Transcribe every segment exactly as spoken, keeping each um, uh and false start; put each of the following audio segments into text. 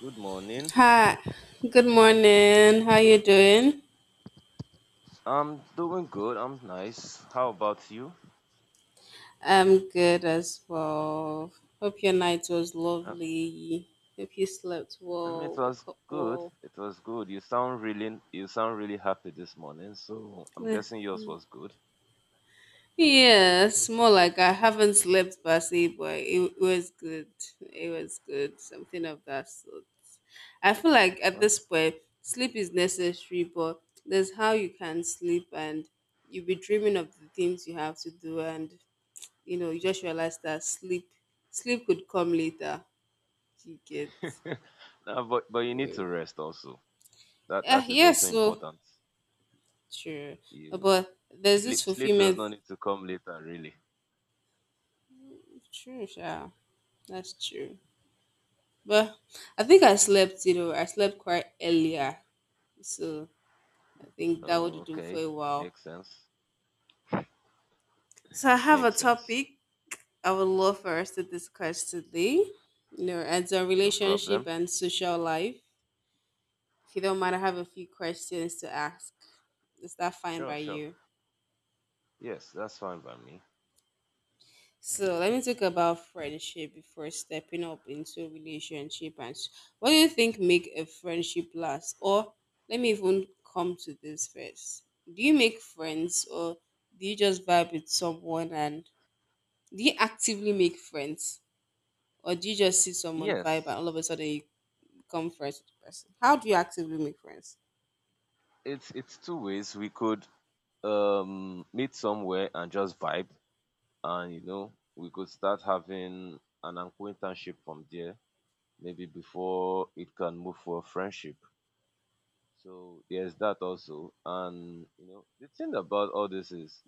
Good morning. Hi, good morning. How you doing? I'm doing good. I'm nice. How about you? I'm good as well. Hope your night was Uh, lovely. Hope you slept I mean, it well, was woke up good. well. It was good. You sound really, you sound really happy this morning. So I'm Eh, guessing yours was good. Yes, more like I haven't slept per but it was good. It was good. Something of that sort. I feel like at Huh? this point, sleep is necessary, but there's how you can sleep and you'll be dreaming of the things you have to do, and you know you just realize that sleep sleep could come later, you get No, but but you need to real. rest also. That Yeah, that is also yes, so important. true. You But there's this sleep sleep does fulfillment. not need to come later, really. True, yeah. That's true. But I think I slept, you know I slept quite earlier, so I think that Oh, would do for okay. a while. Makes sense. So I have a Makes sense. topic I would love for us to discuss today, you know as a No relationship problem. and social life. If you don't mind, I have a few questions to ask. Is that fine Sure, by sure. you? Yes, that's fine by me. So let me talk about friendship before stepping up into a relationship. And s- what do you think make a friendship last? Or let me even come to this first. Do you make friends, or do you just vibe with someone, and do you actively make friends? Or do you just see someone Yes. vibe and all of a sudden you become friends with the person? How do you actively make friends? It's it's two ways. We could um meet somewhere and just vibe, and you know we could start having an acquaintanceship from there, maybe before it can move for friendship. So there's that also. And you know the thing about all this is,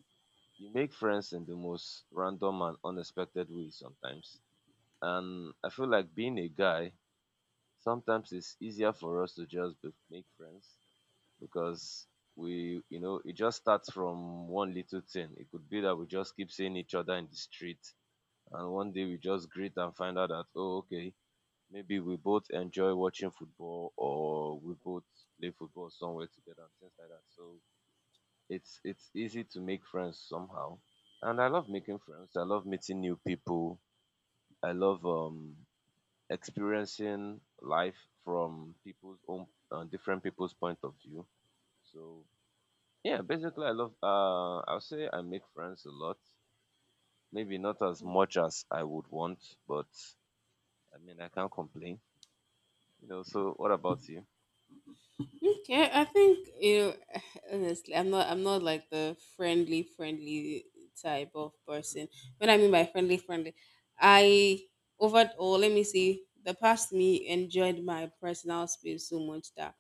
you make friends in the most random and unexpected way sometimes. And I feel like, being a guy, sometimes it's easier for us to just be, make friends, because we you know it just starts from one little thing. It could be that we just keep seeing each other in the street, and one day we just greet and find out that, oh, okay, maybe we both enjoy watching football, or we both play football somewhere together, and things like that. So it's it's easy to make friends somehow. And I love making friends. I love meeting new people. I love um experiencing life from people's own uh, different people's point of view. So yeah, basically, I love. Uh, I'll say I make friends a lot. Maybe not as much as I would want, but I mean, I can't complain. You know. So what about you? Okay, I think, you know, honestly, I'm not I'm not like the friendly friendly type of person. What I mean by friendly friendly, I overall let me see, the past me enjoyed my personal space so much that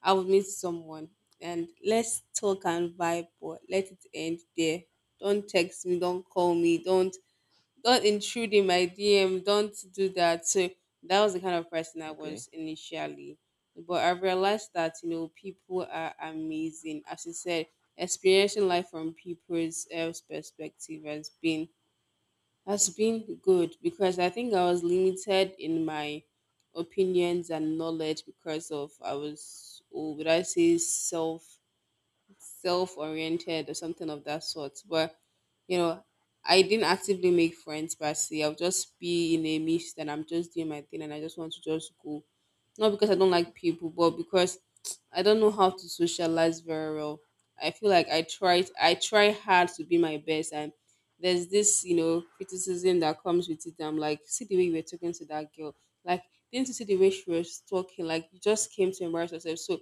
I would meet someone and let's talk and vibe, but let it end there. Don't text me, don't call me, don't don't intrude in my D M, don't do that. So that was the kind of person I Okay. was initially. But I realized that, you know, people are amazing. As you said, experiencing life from people's else perspective has been has been good, because I think I was limited in my opinions and knowledge because of I was, oh, would I say, self self-oriented, or something of that sort, but you know I didn't actively make friends per se. I'll just be in a niche that I'm just doing my thing and I just want to just go, not because I don't like people, but because I don't know how to socialize very well. I feel like i tried i try hard to be my best, and there's this, you know criticism that comes with it. I'm like, see the way you were talking to that girl, like, didn't you see the way she was talking? Like, you just came to embarrass yourself. So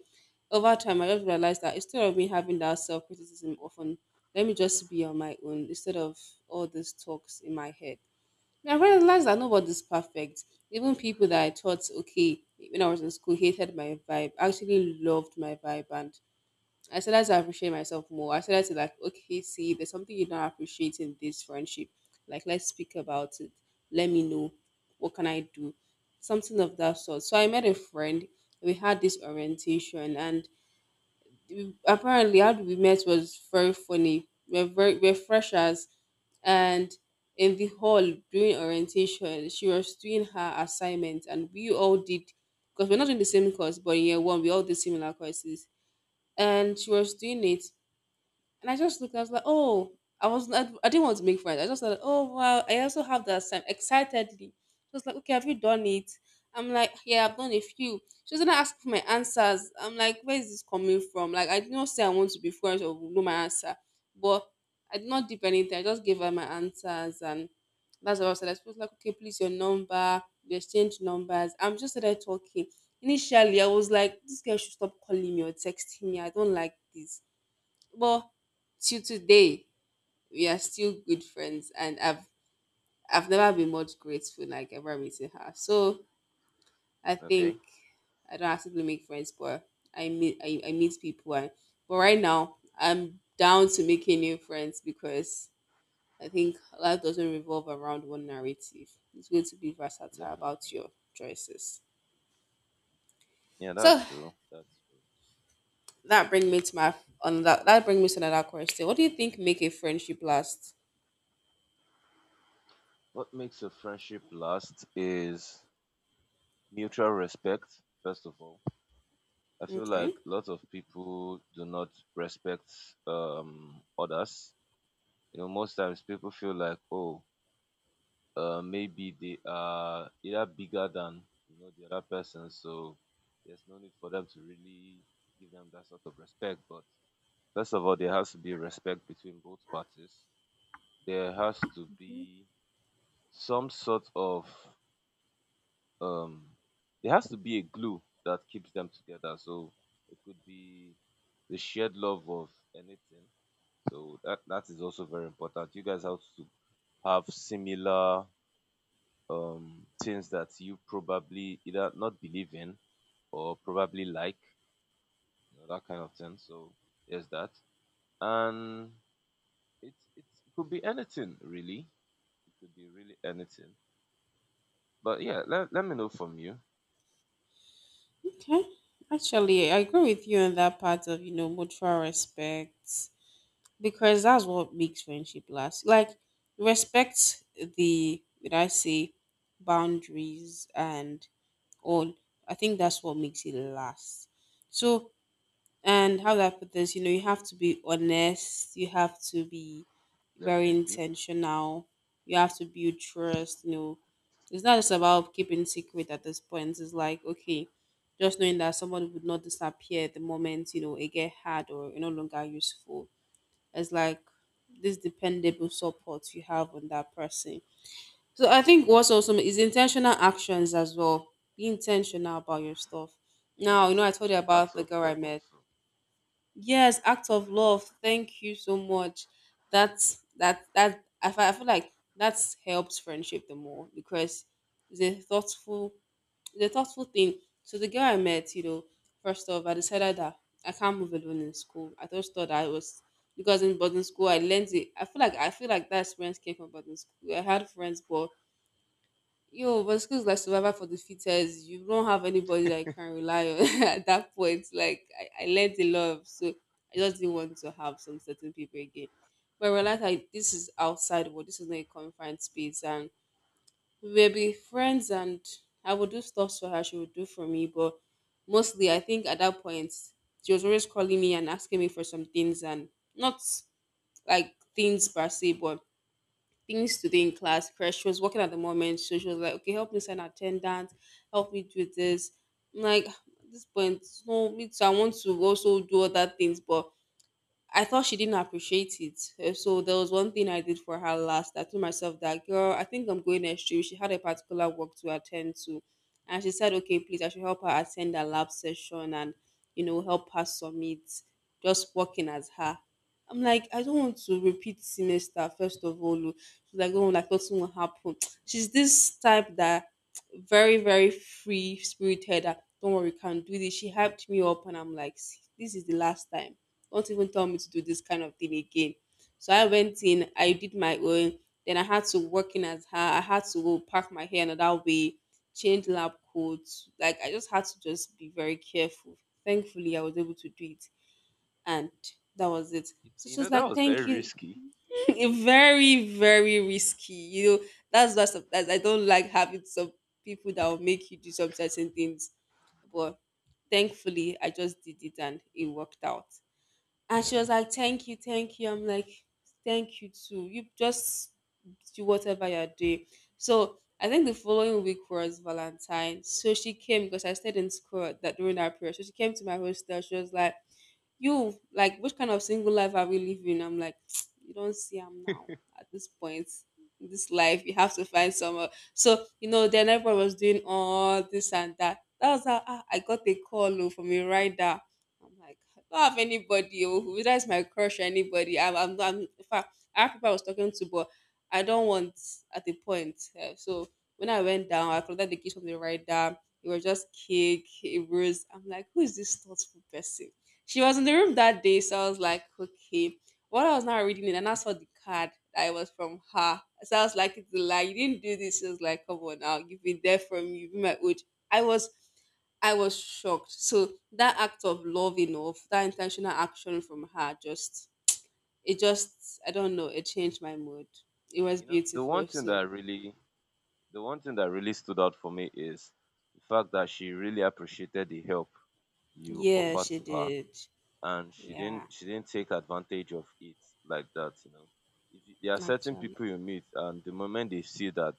over time, I just realized that instead of me having that self criticism often, let me just be on my own instead of all these talks in my head. And I realized that nobody's perfect. Even people that I thought, okay, when I was in school, hated my vibe, actually loved my vibe. And I started to appreciate myself more. I started to, like, okay, see, there's something you don't appreciate in this friendship. Like, let's speak about it. Let me know. What can I do? Something of that sort. So I met a friend. We had this orientation, and we- apparently how we met was very funny. We're very we're freshers, and in the hall during orientation, she was doing her assignment, and we all did because we're not in the same course, but in year one we all did similar courses. And she was doing it, and I just looked, I was like, oh, I was not, I didn't want to make friends. I just thought, oh, wow, I also have that same, excitedly. She was like, okay, have you done it? I'm like, yeah, I've done a few. She was gonna ask for my answers. I'm like, where is this coming from? Like, I did not say I want to be friends or know my answer, but I did not dip anything. I just gave her my answers, and that's what I said. I was like, okay, please, your number. We exchanged numbers. I'm just there talking. Initially, I was like, this girl should stop calling me or texting me. I don't like this. But till today, we are still good friends, and I've I've never been much grateful like ever meeting her. So I think Okay. I don't actively make friends, but I meet I, I meet people. And, but right now, I'm down to making new friends, because I think life doesn't revolve around one narrative. It's going to be versatile Definitely. about your choices. Yeah, that's So true. That's true. that brings me to my, another, that brings me to another question. What do you think make a friendship last? What makes a friendship last is mutual respect. First of all, I feel Okay. like lots of people do not respect um others. You know, most times people feel like, oh, uh, maybe they are either bigger than you know the other person, so there's no need for them to really give them that sort of respect. But first of all, there has to be respect between both parties. There has to be some sort of um, there has to be a glue that keeps them together. So it could be the shared love of anything. So that that is also very important. You guys have to have similar um, things that you probably either not believe in or probably like, you know, that kind of thing. So there's that, and it's it's it could be anything really. It could be really anything. But yeah, let, let me know from you. Okay. Actually, I agree with you on that part of, you know, mutual respect, because that's what makes friendship last. Like, respect the, did I say, boundaries and all. I think that's what makes it last. So, and how do I put this? You know, you have to be honest, you have to be very Definitely. intentional, you have to build trust, you know. It's not just about keeping secret at this point. It's like, okay, just knowing that someone would not disappear the moment, you know, it get hard or no longer useful. It's like this dependable support you have on that person. So I think what's awesome is intentional actions as well. Be intentional about your stuff. Yeah, Now, you know, I told you acts about the of girl I love met. also. Yes, act of love. Thank you so much. That's that that I feel, I feel like that's helps friendship the more, because it's a thoughtful it's a thoughtful thing. So the girl I met, you know, first off, I decided that I can't move alone in school. I just thought I was, because in boarding school I learned it. I feel like I feel like that experience came from boarding school. I had friends, but yo, but school's like survival for the fittest. You don't have anybody that you can rely on at that point. Like I, I learned a lot, so I just didn't want to have some certain people again. But I realized like this is outside world. This is not a confined space, and we will be friends. And I would do stuff for her. She would do for me. But mostly, I think at that point, she was always calling me and asking me for some things, and not like things per se, but things to do in class crash. She was working at the moment, so she was like, okay, help me sign attendance, help me do this. I'm like, at this point, no, me too. I want to also do other things, but I thought she didn't appreciate it. Uh, So there was one thing I did for her last. I told myself that, girl, I think I'm going next year. She had a particular work to attend to. And she said, okay, please, I should help her attend a lab session and, you know, help her submit, just working as her. I'm like, I don't want to repeat semester, first of all. Oh." She's like, oh, like nothing will happen. She's this type that very, very free spirited. That, don't worry, can do this. She hyped me up, and I'm like, "See, this is the last time, don't even tell me to do this kind of thing again. So I went in, I did my own. Then I had to work in as her. I had to go pack my hair another way, change lab coats. Like I just had to just be very careful. Thankfully, I was able to do it, and that was it. Y- So You she know was that like, was very "Thank you." risky. It very, very risky. You know, that's why sometimes I don't like having some people that will make you do some certain things. But thankfully, I just did it, and it worked out. And she was like, Thank you, thank you. I'm like, Thank you too. You just do whatever you're doing. So I think the following week was Valentine. So she came because I stayed in school at that during that period. So she came to my hostel. She was like, "You like which kind of single life are we living?" I'm like, "You don't see I'm now at this point in this life you have to find someone, so you know." Then everyone was doing all this and that. That was how ah, I got a call oh, from a rider. I'm like, "I don't have anybody oh, who, that's my crush or anybody. I'm, I'm, I'm in fact I have people I was talking to, but I don't want at the point eh, so when I went down Yeah. I collected the keys from the rider." It was just cake, it rose. I'm like, "Who is this thoughtful person?" She was in the room that day, so I was like, "Okay." What, I was now reading it, and I saw the card that it was from her. So I was like, "It's a lie. You didn't do this." She was like, "Come on now, you've been there for me. You've been my age." I was, I was shocked. So that act of love enough, that intentional action from her, just it just, I don't know, it changed my mood. It was You know the one beautiful. thing So that really The one thing that really stood out for me is the fact that she really appreciated the help you yeah, offered she to her, did. and she Yeah, didn't she didn't take advantage of it like that. you know if you, there are certain actually, people you meet, and the moment they see that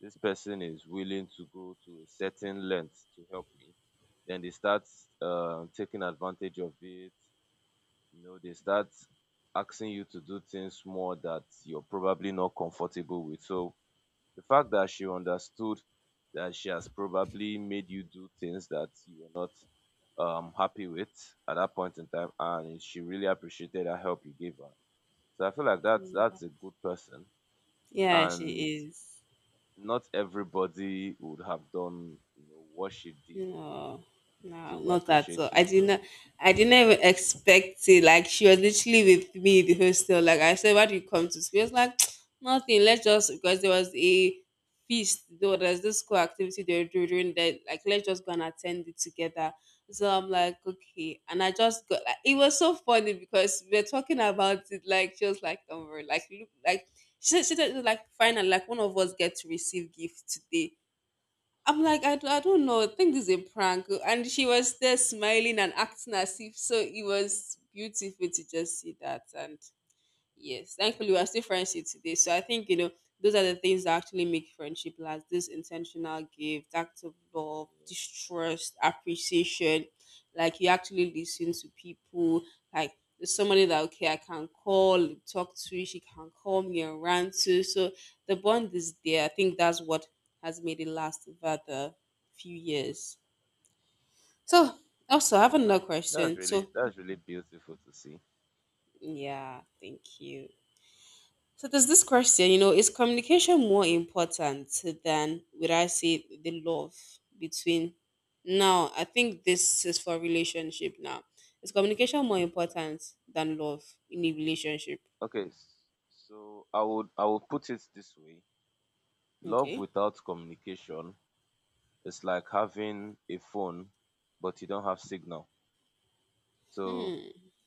this person is willing to go to a certain length to help me, then they start uh, taking advantage of it. You know they start asking you to do things more that you're probably not comfortable with. So the fact that she understood that she has probably made you do things that you were not um happy with at that point in time, and she really appreciated that help you gave her. So I feel like that's that's a good person, yeah, she and is. not everybody would have done, you know, what she did No, no, to not at all. appreciate you. I So didn't, I didn't even expect it. Like she was literally with me in the hostel. Like I said, "Why do you come to school?" She was like, "Nothing. Let's just, because there was a feast. Though there's this school activity they were doing during that. Like let's just go and attend it together." So I'm like, "Okay," and I just got, like, it was so funny because we are talking about it. Like she was like, "Don't worry. Like look like," she said she said like fine and like, "One of us get to receive gift today." I'm like, "I, d- I don't know. I think this is a prank." And she was there smiling and acting as if so. It was beautiful to just see that. And yes, thankfully we are still friends here today. So I think you know those are the things that actually make friendship last. This intentional gift, act of love, distrust, appreciation. Like you actually listen to people. Like there's somebody that okay I can call and talk to. She can call me and rant to. So the bond is there. I think that's what has made it last over the few years. So also I have yes. Eh, another That's question. really So that's really beautiful to see. yeah, thank you. So there's this question, you know, is communication more important than, would I say, the love between, now? I think this is for relationship now. Is communication more Yeah. important than love in a relationship? Okay. s- So I would I would put it this way. Love Okay. without communication, it's like having a phone, but you don't have signal. So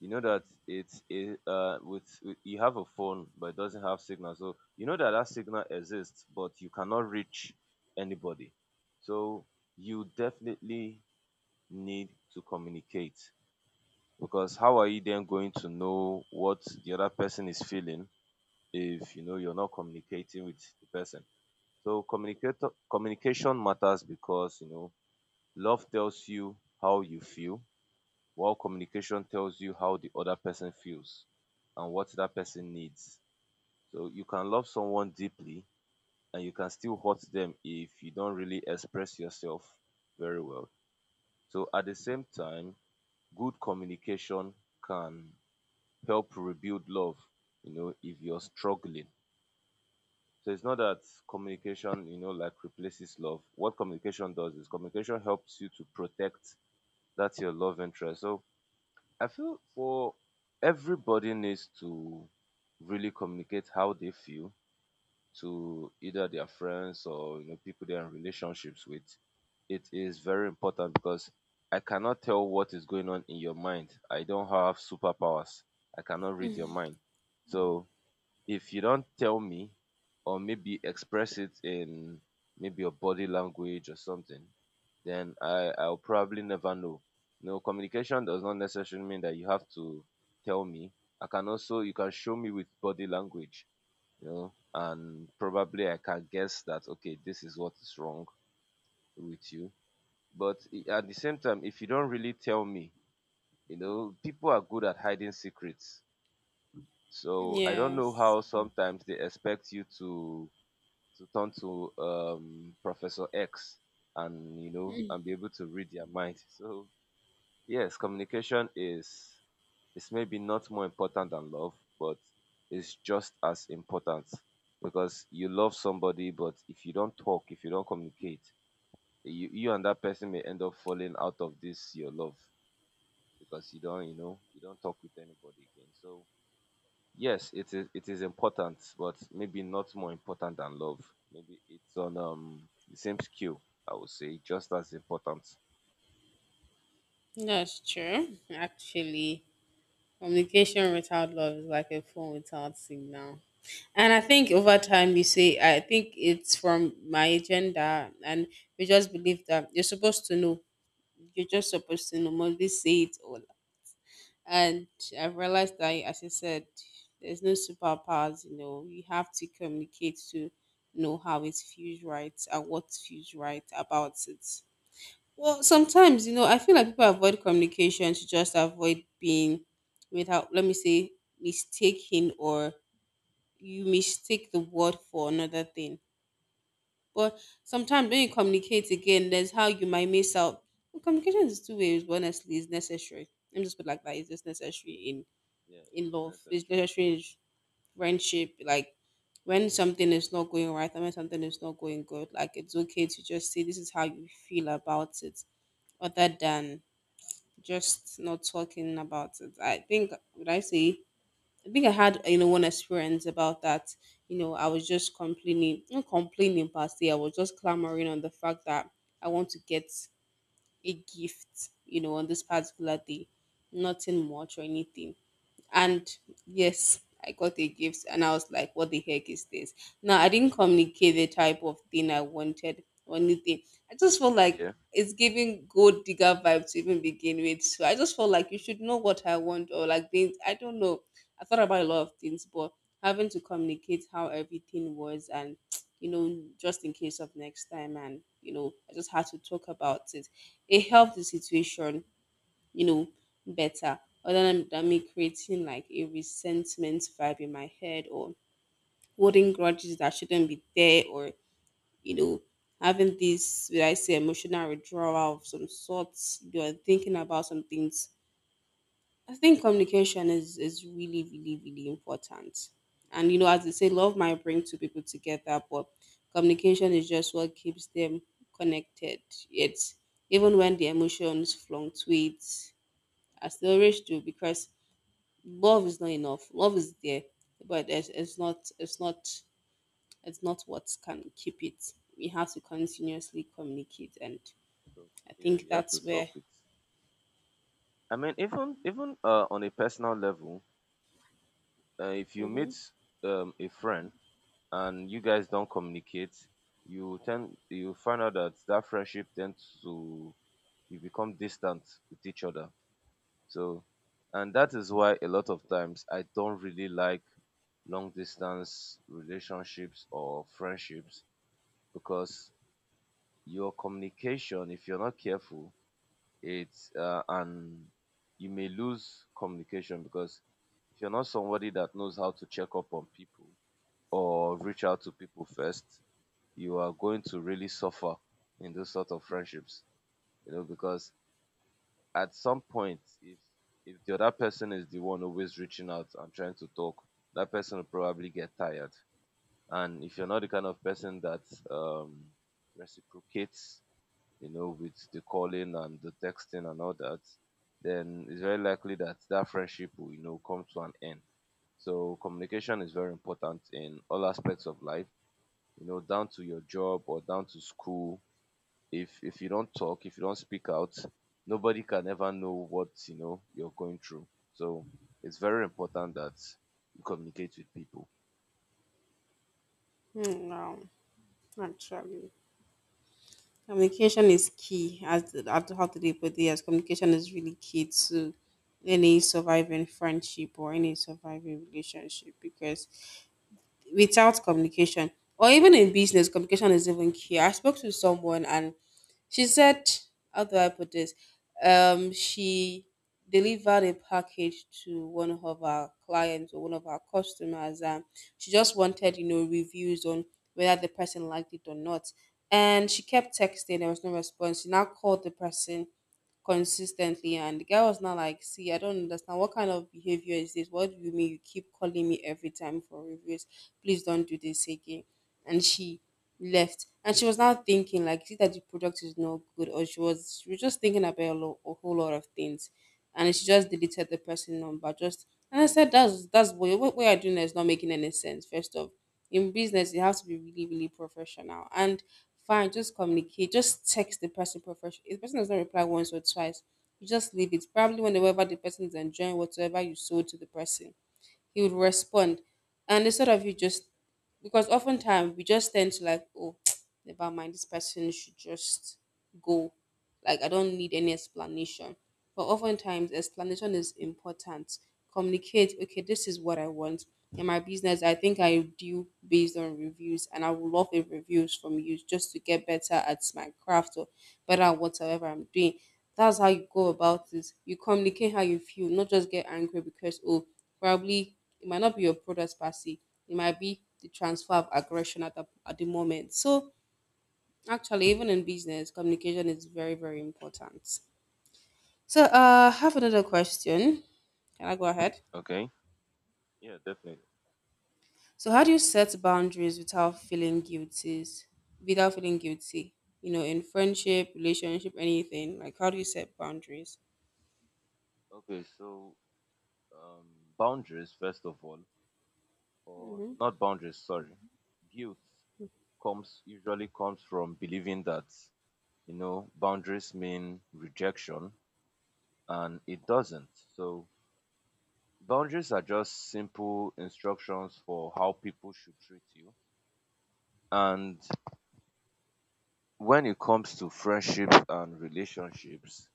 you know that it's a, uh, with, with you have a phone, but it doesn't have signal. So you know that that signal exists, but you cannot reach anybody. So you definitely need to communicate, because how are you then going to know what the other person is feeling if you know you're not communicating with the person? So communicate communication matters, because you know love tells you how you feel, while communication tells you how the other person feels and what that person needs. So you can love someone deeply, and you can still hurt them if you don't really express yourself very well. So at the same time, good communication can help rebuild love, you know, if you're struggling. So it's not that communication, you know, like, replaces love. What communication does is communication helps you to protect that's your love interest. So I feel for everybody needs to really communicate how they feel to either their friends, or you know people they are in relationships with. It is very important, because I cannot tell what is going on in your mind. I don't have superpowers. I cannot read your mind. Mm. So if you don't tell me, or maybe express it in maybe your body language or something, then I I'll probably never know. No, communication does not necessarily mean that you have to tell me. I can also You can show me with body language, you know, and probably I can guess that, okay, this is what is wrong with you. But i- at the same time, if you don't really tell me, you know, people are good at hiding secrets. So I don't know Yes. how sometimes they expect you to to turn to, um, Professor X, and you know and be able to read their mind. So yes, communication is is maybe not more important than love, but it's just as important, because you love somebody, but if you don't talk, if you don't communicate, you, you and that person may end up falling out of this your love, because you don't you know you don't talk with anybody again. So yes, it is it is important, but maybe not more important than love. Maybe it's on um the same scale, I would say, just as important. That's true. Actually, communication without love is like a phone without signal. And I think over time, you see, I think it's from my agenda, and we just believe that you're supposed to know, you're just supposed to normally say it all. And I've realized that, as I said, there's no superpowers, you know, you have to communicate to know how it feels right and what feels right about it. Well, sometimes, you know, I feel like people avoid communication to just avoid being without, let me say, mistaken, or you mistake the word for another thing. But sometimes when you communicate again, there's how you might miss out. Well, communication is two ways, but honestly, it's necessary. Let me just put it like that. It's just necessary in Yeah, it in is love. It's necessary. necessary in friendship. Like when something is not going right and when something is not going good, like it's okay to just say this is how you feel about it, other than just not talking about it. I think, would I say, I think I had, you know, one experience about that. You know, I was just complaining, not complaining per se. I was just clamoring on the fact that I want to get a gift. You know, on this particular day, nothing much or anything, and yes I got a gift and I was like, "What the heck is this?" Now I didn't communicate the type of thing I wanted or anything. I just felt like Yeah, it's giving gold digger vibe to even begin with, so I just felt like you should know what I want, or like things, I don't know. I thought about a lot of things, but having to communicate how everything was, and you know, just in case of next time, and you know, I just had to talk about it. It helped the situation, you know, better, other than, than me creating like a resentment vibe in my head, or holding grudges that shouldn't be there, or, you know, having this, would I say, emotional withdrawal of some sorts. You're thinking about some things. I think communication is, is really, really, really important. And, you know, as they say, love might definitely bring two people together, but communication is just what keeps them connected. It's even when the emotions fluctuate, as they always do, because love is not enough, love is there, but it's, it's not, it's not it's not what can keep it. We have to continuously communicate, and talk. I Yeah, think you have to that's where. talk with. I mean, even even uh, on a personal level, uh, if you Mm-hmm. meet um, a friend and you guys don't communicate, you tend you find out that that friendship tends to you become distant with each other. So, and that is why a lot of times I don't really like long distance relationships or friendships, because your communication, if you're not careful, it's uh, and you may lose communication. Because if you're not somebody that knows how to check up on people or reach out to people first, you are going to really suffer in those sort of friendships, you know, because at some point, if if the other person is the one always reaching out and trying to talk, that person will probably get tired. And if you're not the kind of person that um reciprocates, you know with the calling and the texting and all that, then it's very likely that that friendship will you know come to an end. So communication is very important in all aspects of life, you know down to your job or down to school. If if you don't talk, if you don't speak out, nobody can ever know what you know you're going through. So it's very important that you communicate with people. Hmm, wow, actually communication is key. As at how today put it, as communication is really key to any surviving friendship or any surviving relationship, because without communication, or even in business, communication is even key. I spoke to someone and she said, how do I put this? Um, she delivered a package to one of our clients or one of our customers, and she just wanted, you know, reviews on whether the person liked it or not. And she kept texting, there was no response. She now called the person consistently. And the guy was not, like, "See, I don't understand. What kind of behavior is this? What do you mean you keep calling me every time for reviews? Please don't do this again." And she left. And she was now thinking, like, see that the product is not good, or she was, she was just thinking about a, lo- a whole lot of things. And she just deleted the person number. Just, and I said that's that's what, what we are doing is not making any sense. First off, in business you have to be really, really professional. And fine, just communicate, just text the person professionally. If the person does not reply once or twice, you just leave it. Probably whenever the person is enjoying whatsoever you sold to the person, he would respond. And instead of you just, because oftentimes we just tend to like, oh, never mind, this person should just go. Like, I don't need any explanation. But oftentimes, explanation is important. Communicate, okay, this is what I want. In my business, I think I do based on reviews, and I would love a reviews from you just to get better at my craft, or better at whatever I'm doing. That's how you go about this. You communicate how you feel, not just get angry because, oh, probably it might not be your product per se. It might be the transfer of aggression at the, at the moment. So actually, even in business, communication is very, very important. So uh, I have another question. Can I go ahead? Okay. Yeah, definitely. So how do you set boundaries without feeling guilty? Without feeling guilty, you know, in friendship, relationship, anything. Like how do you set boundaries? Okay, so, um, boundaries first of all, or not boundaries. Sorry, guilt comes usually comes from believing that, you know boundaries mean rejection, and it doesn't. So boundaries are just simple instructions for how people should treat you. And when it comes to friendships and relationships,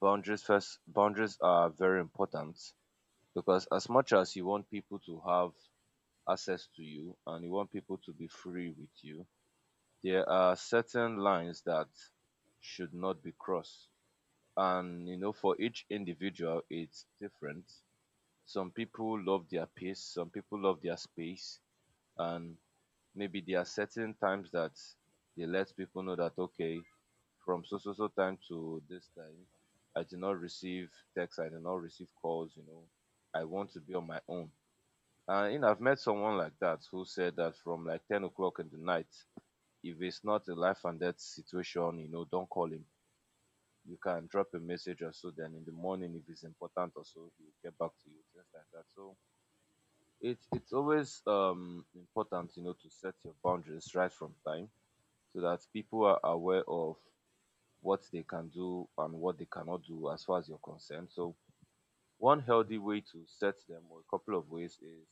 boundaries first boundaries are very important, because as much as you want people to have access to you, and you want people to be free with you, there are certain lines that should not be crossed. And you know, for each individual, it's different. Some people love their peace, some people love their space, and maybe there are certain times that they let people know that, okay, from so so so time to this time, I did not receive texts, I did not receive calls, you know. I want to be on my own. And you know, I've met someone like that, who said that from like ten o'clock in the night, if it's not a life and death situation, you know, don't call him. You can drop a message or so, then in the morning if it's important or so, he will get back to you, things like that. So it's it's always um important, you know, to set your boundaries right from time, so that people are aware of what they can do and what they cannot do as far as you're concerned. So one healthy way to set them, or a couple of ways, is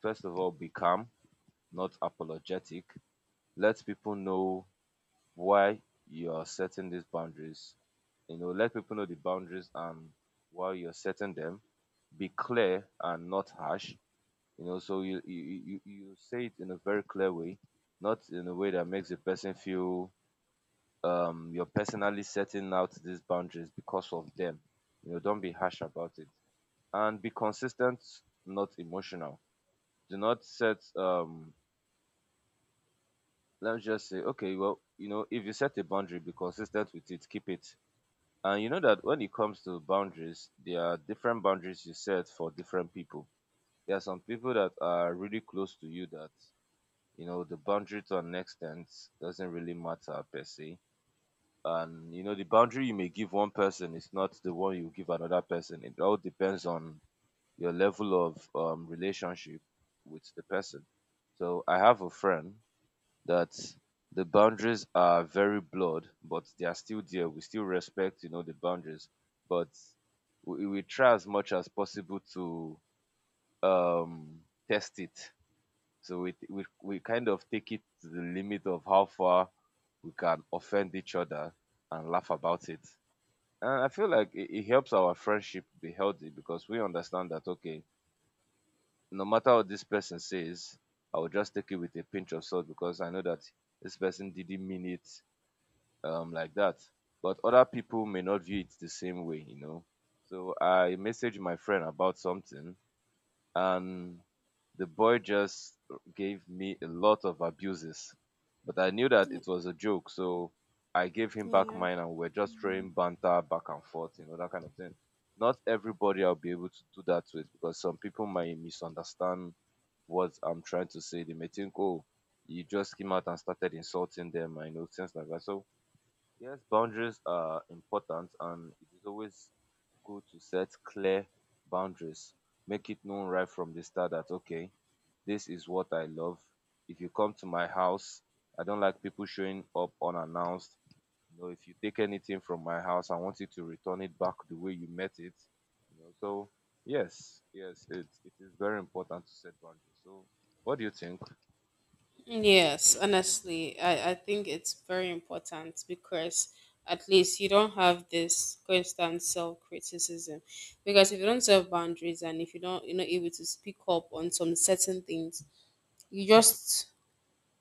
first of all, be calm, not apologetic. Let people know why you are setting these boundaries. You know, let people know the boundaries and why you're setting them. Be clear and not harsh. You know, so you you you, you say it in a very clear way, not in a way that makes the person feel um you're personally setting out these boundaries because of them. You know, don't be harsh about it. And be consistent, not emotional. Do not set um let's just say, okay, well, you know, if you set a boundary, be consistent with it, keep it. And you know that when it comes to boundaries, there are different boundaries you set for different people. There are some people that are really close to you that, you know, the boundary, to an extent, doesn't really matter per se. And you know the boundary you may give one person is not the one you give another person. It all depends on your level of um, relationship with the person. So I have a friend that, the boundaries are very blurred, but they are still there. We still respect, you know the boundaries. But we, we try as much as possible to um test it. So we, we we kind of take it to the limit of how far we can offend each other and laugh about it. And I feel like it, it helps our friendship be healthy, because we understand that, okay, no matter what this person says, I will just take it with a pinch of salt, because I know that this person didn't mean it, um, like that. But other people may not view it the same way, you know. So I messaged my friend about something, and the boy just gave me a lot of abuses. But I knew that it was a joke, so I gave him back Yeah. mine, and we're just throwing banter back and forth, you know, that kind of thing. Not everybody I'll be able to do that with, because some people might misunderstand what I'm trying to say. They may think, oh, you just came out and started insulting them, I know, things like that. So yes, boundaries are important, and it is always good to set clear boundaries. Make it known right from the start that, okay, this is what I love. If you come to my house, I don't like people showing up unannounced. You know, if you take anything from my house, I want you to return it back the way you met it. You know, so yes, yes, it, it is very important to set boundaries. So what do you think? Yes, honestly, I, I think it's very important because at least you don't have this constant self criticism. Because if you don't set boundaries and if you don't, you're not able to speak up on some certain things, you just,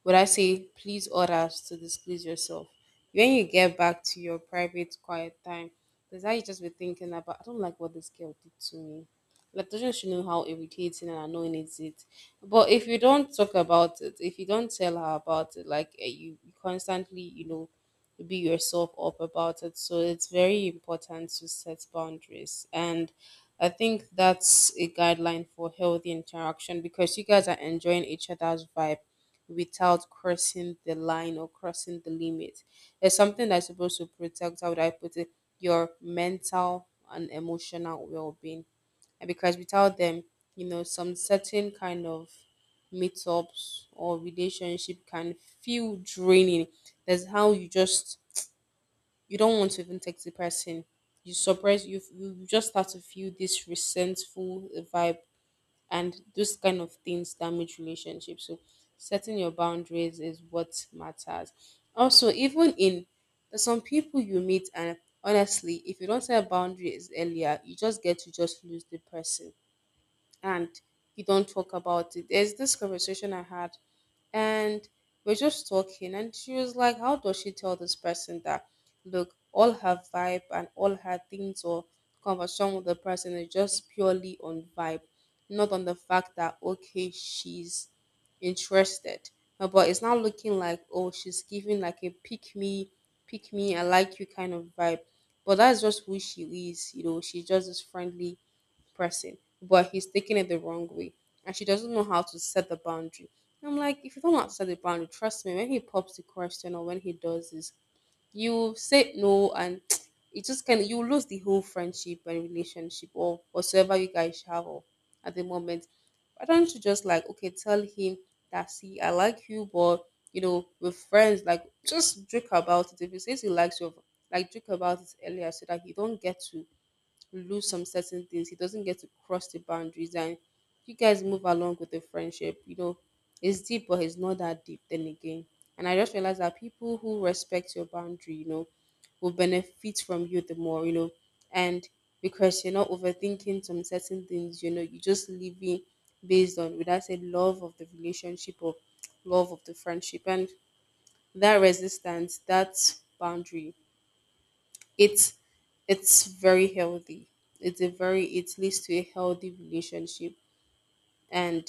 would I say, please order to displease yourself? When you get back to your private quiet time, there's how you just be thinking about I don't like what this girl did to me. Like doesn't she know how irritating and annoying is it? But if you don't talk about it, if you don't tell her about it, like eh, you, you constantly, you know, be yourself up about it. So it's very important to set boundaries. And I think that's a guideline for healthy interaction because you guys are enjoying each other's vibe without crossing the line or crossing the limit. It's something that's supposed to protect, how would I put it, your mental and emotional well being. And because without them, you know, some certain kind of meetups or relationship can feel draining. That's how you just, you don't want to even text the person. You suppress, you you you just start to feel this resentful vibe, and those kind of things damage relationships, so setting your boundaries is what matters, also even in, there's some people you meet and honestly if you don't set boundaries earlier you just get to just lose the person, and you don't talk about it. There's this conversation I had, and we're just talking and she was like, how does she tell this person that look all her vibe and all her things or conversation with the person is just purely on vibe, not on the fact that okay she's interested. Uh, but it's not looking like, oh she's giving like a pick me pick me I like you kind of vibe, but that's just who she is. You know she's just this friendly, pressing, but he's taking it the wrong way. And she doesn't know how to set the boundary. And I'm like, if you don't know how to set the boundary, trust me, when he pops the question or when he does this, you say no, and it just can you lose the whole friendship and relationship or whatsoever you guys have or at the moment. Why don't you just like, okay, tell him that, see I like you, but you know, with friends, like just joke about it. If he says he likes you, like joke about it earlier so that you don't get to lose some certain things. He doesn't get to cross the boundaries, and you guys move along with the friendship. You know, it's deep, but it's not that deep. Then again, and I just realized that people who respect your boundary, you know, will benefit from you the more. You know, and because you're not overthinking some certain things. You know, you're just living based on, would I say, love of the relationship or love of the friendship, and that resistance, that boundary, it's it's very healthy, it's a very, it leads to a healthy relationship. And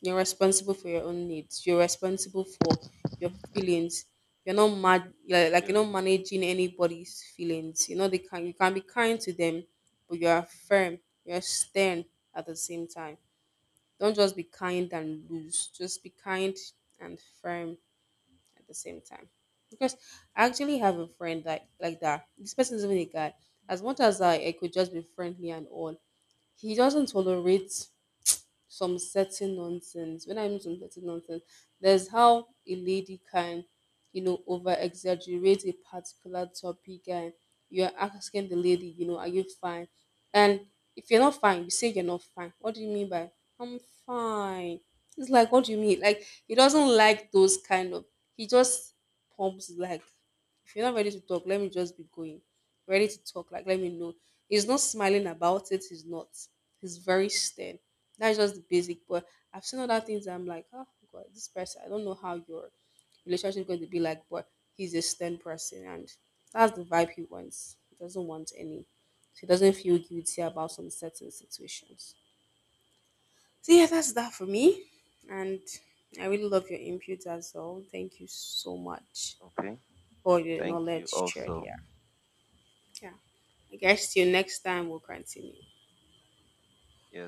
you're responsible for your own needs, you're responsible for your feelings, you're not mad, like, like Yeah. you're not managing anybody's feelings. You know they can, you can be kind to them, but you're firm, you're stern at the same time. Don't just be kind and loose, just be kind and firm at the same time. Because I actually have a friend like like that. This person is even a guy. As much as I, I could just be friendly and all, he doesn't tolerate some certain nonsense. When I mean some certain nonsense, there's how a lady can, you know, over exaggerate a particular topic, and you're asking the lady, you know, are you fine? And if you're not fine, you say you're not fine. What do you mean by I'm fine? It's like what do you mean? Like he doesn't like those kind of, he just pumps like, if you're not ready to talk, let me just be going. Ready to talk, like let me know. He's not smiling about it, he's not. He's very stern. That's just the basic. But I've seen other things that I'm like, oh god, this person, I don't know how your relationship is going to be like, but he's a stern person, and that's the vibe he wants. He doesn't want any. So he doesn't feel guilty about some certain situations. So yeah, that's that for me. And I really love your input as well. Thank you so much for your Thank knowledge shared you. here. Yeah. I guess till next time we'll continue. Yes,